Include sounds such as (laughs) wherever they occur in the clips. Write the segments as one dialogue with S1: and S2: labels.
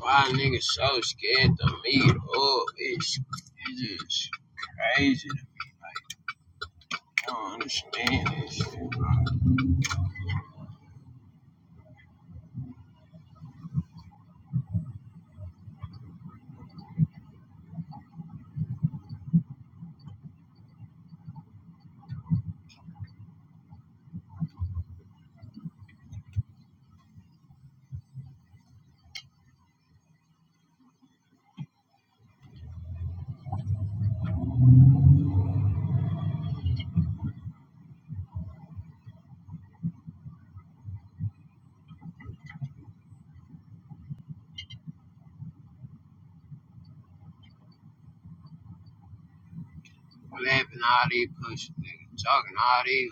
S1: Why niggas so scared to meet up? It's, it's just crazy to me. Like, I don't understand this shit, bro. What happened to all these pussy niggas talking all these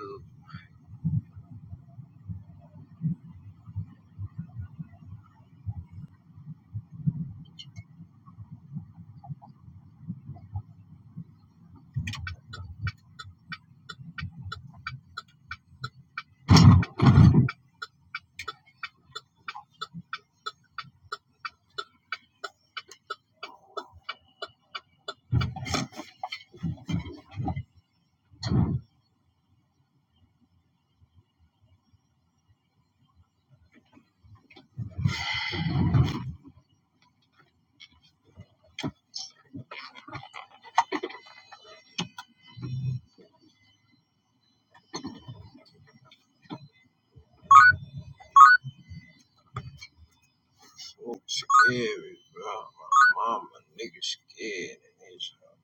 S1: so scary, bro. My mama, nigga scared and it's uh,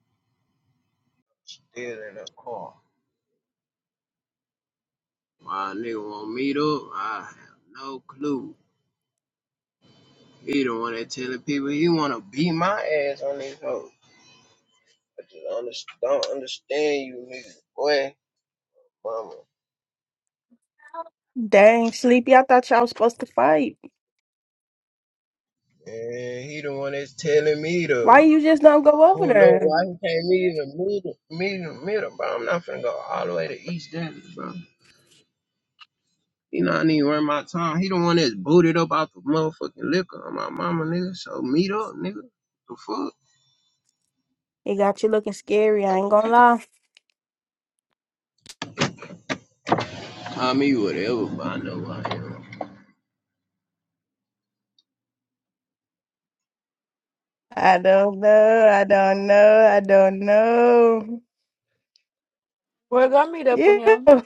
S1: still in the car. My nigga want to meet up? I have no clue. He the one that telling people he want to beat my ass on these hoes. I just under- don't understand you niggas, boy. Mama
S2: Dang, Sleepy, I thought y'all was supposed to fight.
S1: And he the one that's telling me
S2: Why
S1: to
S2: you just don't go over
S1: pull up.
S2: there?
S1: Why he can't meet in the middle, meet in the middle, bro? I'm not finna go all the way to East Dallas, bro. You know, I need to run my time. He the one that's booted up out the motherfucking liquor on my mama, nigga. So meet up, nigga. The fuck?
S2: It got you looking scary, I ain't gonna lie.
S1: Call me whatever, but I know who I am.
S2: I don't know, I don't know, I don't know.
S3: We're gonna meet up with
S2: Yeah,
S3: him.
S2: (laughs)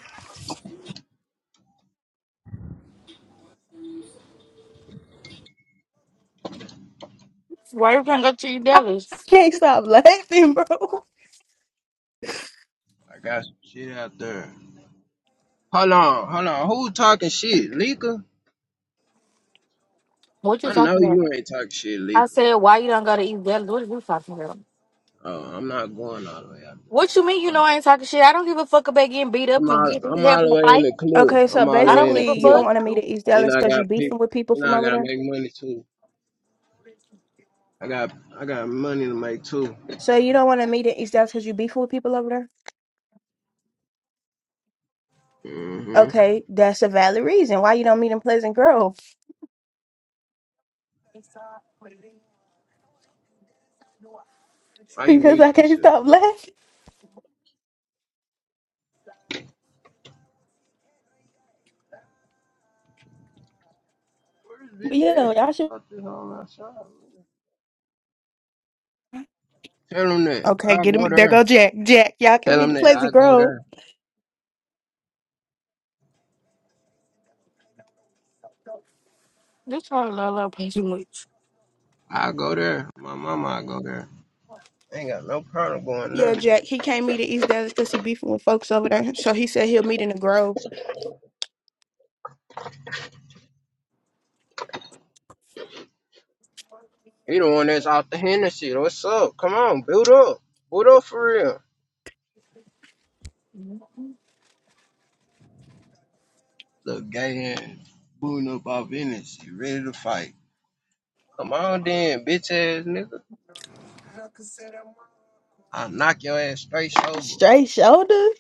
S3: Why you can't go to eat
S2: I
S3: Dallas?
S2: can't stop laughing, bro.
S1: I got some shit out there. Hold on, hold on. Who talking shit, Leaker?
S3: What you
S1: I know
S3: talking about?
S1: you ain't talking shit,
S3: I
S1: Leaker.
S3: said, why you don't go to eat Dallas? What are you talking about?
S1: Oh, I'm not going all the way out there.
S3: What
S1: I'm
S3: you
S1: all
S3: mean
S1: the
S3: you
S1: way
S3: know I ain't talking shit? I don't give a fuck about getting beat up
S1: I'm
S3: and
S1: all
S3: get,
S1: I'm all the
S3: having a
S1: way in
S3: fight.
S1: the clue.
S2: Okay, so
S1: I'm all the
S3: I
S1: way
S3: don't
S1: in the
S3: give
S2: basically,
S3: a
S2: you
S1: clue.
S2: don't
S3: fuck.
S2: want to meet in East
S1: And
S2: Dallas
S1: I
S2: because you
S1: got people
S2: beefing with people
S1: and
S2: from
S1: I
S2: over
S1: gotta
S2: there?
S1: make money too. I got I got money to make too.
S2: So you don't want to meet in East Dallas because you beefing with people over there?
S1: hmm
S2: Okay, that's a valid reason why you don't meet in Pleasant Grove.
S1: Why
S2: (laughs)
S1: you
S2: Because
S1: mute
S2: I
S1: this
S2: can't
S1: shit,
S2: stop
S1: bro?
S2: laughing.
S1: Where
S2: But
S1: this bitch
S2: yeah,
S1: at?
S2: y'all should.
S1: I talked this whole outside. Man. Tell him that. I
S2: Okay, get
S1: go
S2: him. There
S1: there.
S2: go Jack. Jack, y'all can
S1: Tell
S2: meet
S1: him
S2: the
S1: that I
S2: Pleasant
S1: go
S2: Grove.
S1: there.
S3: This whole lot of play too much.
S1: I go there. My mama, I go there. Ain't got no problem going there.
S2: Yeah, Jack. He can't meet in East Dallas because he beefing with folks over there. So he said he'll meet in the Grove.
S1: He the one that's out the Hennessy. What's up? Come on, build up. Build up for real. Look, gay ass. Booting up off Hennessy, ready to fight. Come on then, bitch ass nigga. I'll knock your ass straight sober.
S2: Straight shoulders.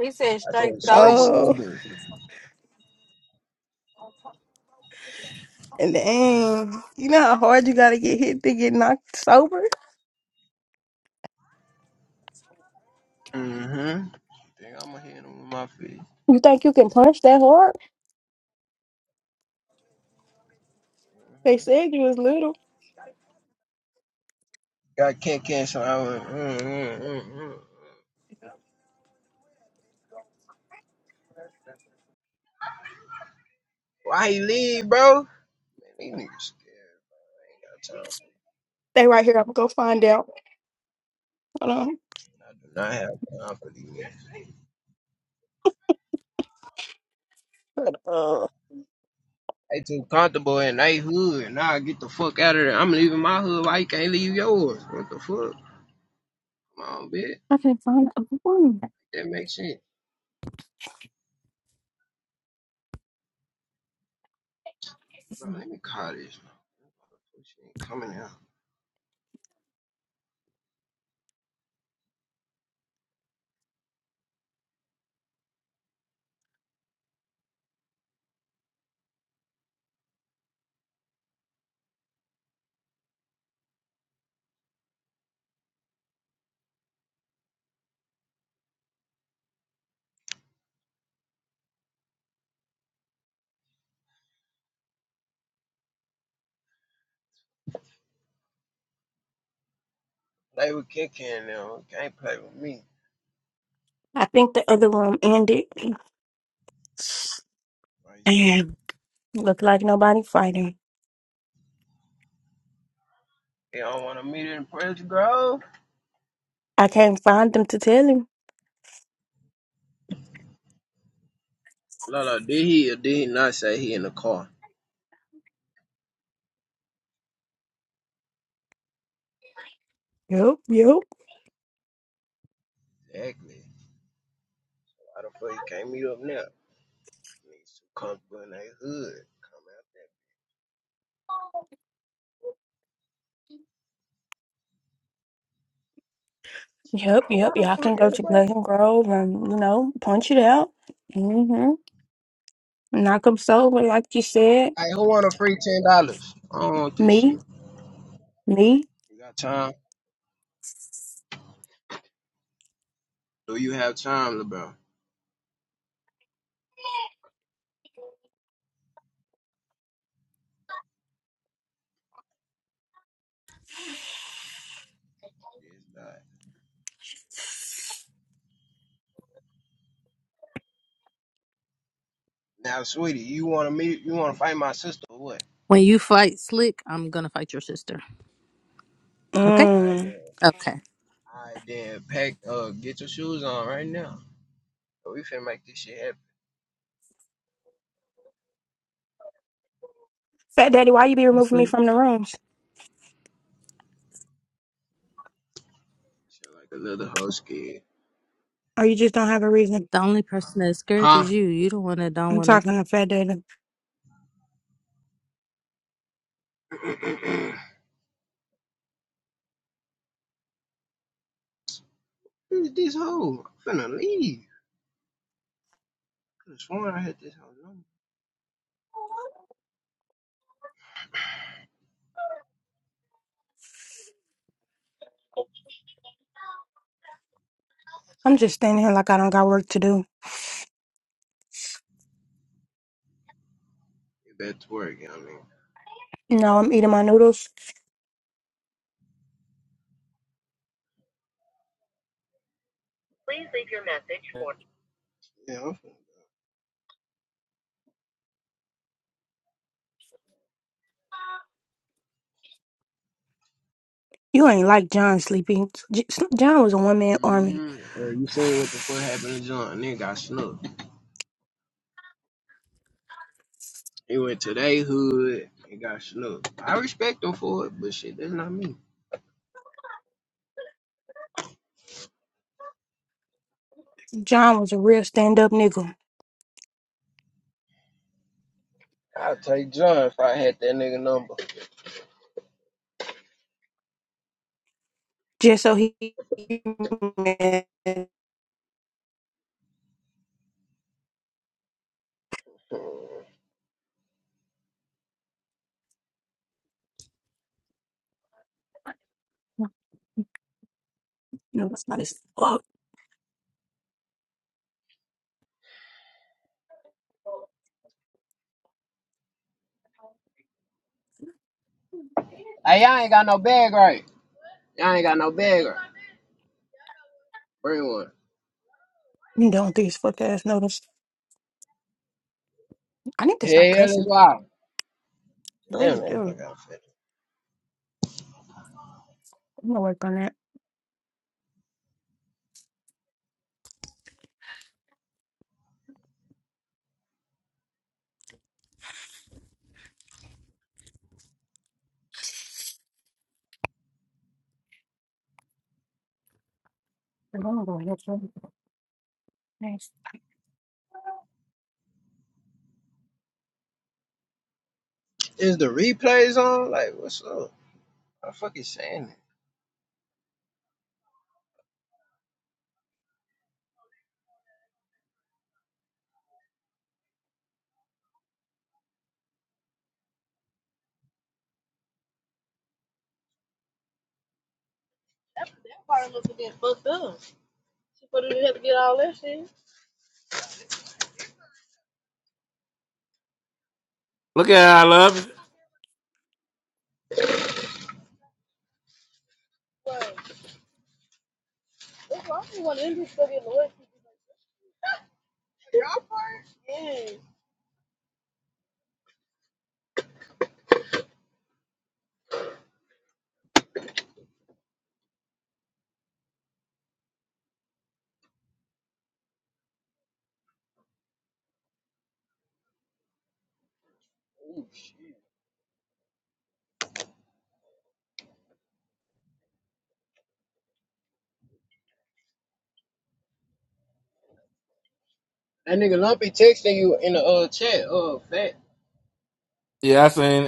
S3: He said
S1: I said
S3: straight
S1: straight
S3: sober.
S2: Oh,
S1: sober.
S2: and then you know how hard you gotta get hit to get knocked sober.
S1: Mm-hmm. Think I'ma hit him with my fist.
S2: You think you can punch that hard? They said you was little.
S1: Got can't cancel I went. Mm, mm, mm, mm. Why he leave, bro? These niggas scared. I got time.
S2: They right here. I'm gonna go find out. Hold on.
S1: I do not have time for these niggas.
S2: But, uh,
S1: They too comfortable in they hood. Nah, get the fuck out of there. I'm leaving my hood. Why you can't leave yours? What the fuck? Come on, bitch.
S2: I can find the room.
S1: That makes sense. Bro, let me call this. She ain't coming out. They were kicking now. Can't play with me.
S2: I think the other room ended.
S1: Why you say that?
S2: And look like nobody fighting.
S1: They don't want to meet in Prince Grove?
S2: I can't find them to tell him.
S1: No, no, did he or did he not say he in the car?
S2: Yep, yep.
S1: Exactly. Why the fuck he can't meet up now? Niggas too comfortable in their hood. Come out that.
S2: Yep,
S1: Bro,
S2: yep.
S1: why the
S2: Y'all
S1: fuck
S2: can go to
S1: everybody?
S2: Pleasant Grove and, you know, punch it out. Mm-hmm. Knock 'em sober, like you said.
S1: Hey, who want a free ten dollars? I don't want this shit.
S2: Me, me.
S1: You got time? Do you have time, LeBron? Yes, not. Now, sweetie, you want to meet? You want to fight my sister or what?
S4: When you fight Slick, I'm gonna fight your sister. Okay?
S1: All right,
S2: Mm.
S1: then.
S4: Okay.
S1: All right, then. Pack. Uh, get your shoes on right now. We finna make this shit happen.
S2: Fat Daddy, why you be
S4: I'm
S2: removing me
S4: Slick.
S2: from the rooms?
S1: Shit like a little hoe scared.
S2: Or you just don't have a reason?
S4: The only person that's scared
S1: Huh?
S4: is you. You don't wanna don't
S2: I'm
S4: wanna
S2: talking to Fat Daddy.
S1: (clears throat) this hoe? I'm finna leave. I Could've sworn I had this hoe number.
S2: I'm just standing here like I don't got work to do.
S1: Get back to work, you know what I mean?
S2: No, I'm eating my noodles.
S1: Please leave your message for. Yeah, I'm
S2: You ain't like John, Sleepy. J- John was a one man army.
S1: hmm Hey, you seen what the fuck happened to John? Nigga got snooked. He went to they hood and got snooked. I respect him for it, but shit, that's not me.
S2: John was a real stand up nigga.
S1: I'll take John if I had that nigga number.
S2: Just so he. (laughs) No, that's not his.
S1: Hey, y'all ain't got no bag right. Y'all ain't got no bag right. Bring one.
S2: You don't these fuck ass notice. I need to stop
S1: Yeah, that's
S2: cussing.
S1: why.
S2: I
S1: Damn
S2: really
S1: that
S2: do.
S1: fuck got fat.
S2: I'm gonna work on that. I'm gonna go ahead.
S1: Is the replays on? Like, what's up? I'm fucking saying it.
S5: Look at how I love it.
S1: That nigga Lumpy texting you in the uh, chat. Oh, fat.
S5: Yeah, I seen it.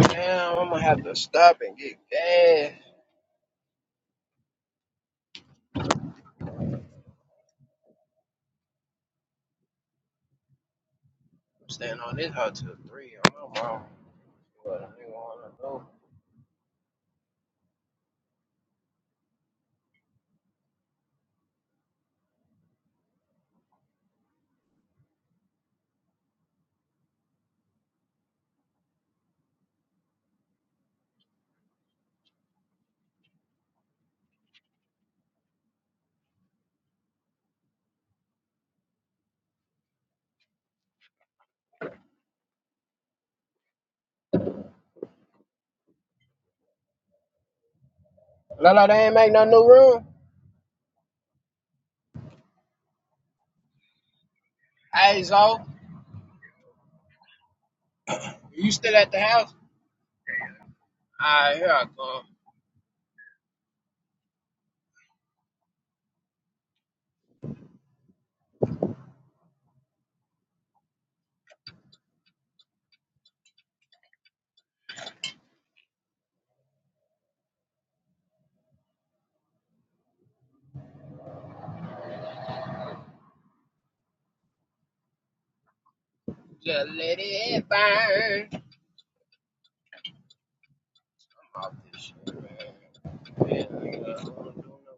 S1: Damn, I'm gonna have to stop and get gas. I'm staying on this hot till three. I'm not wrong. What a nigga wanna do. Lala, they ain't make no new room. Hey, Zo, you still at the house? Alright, here I come. Just let it burn. I'm off this shit, man. Yeah, nigga, I don't wanna do no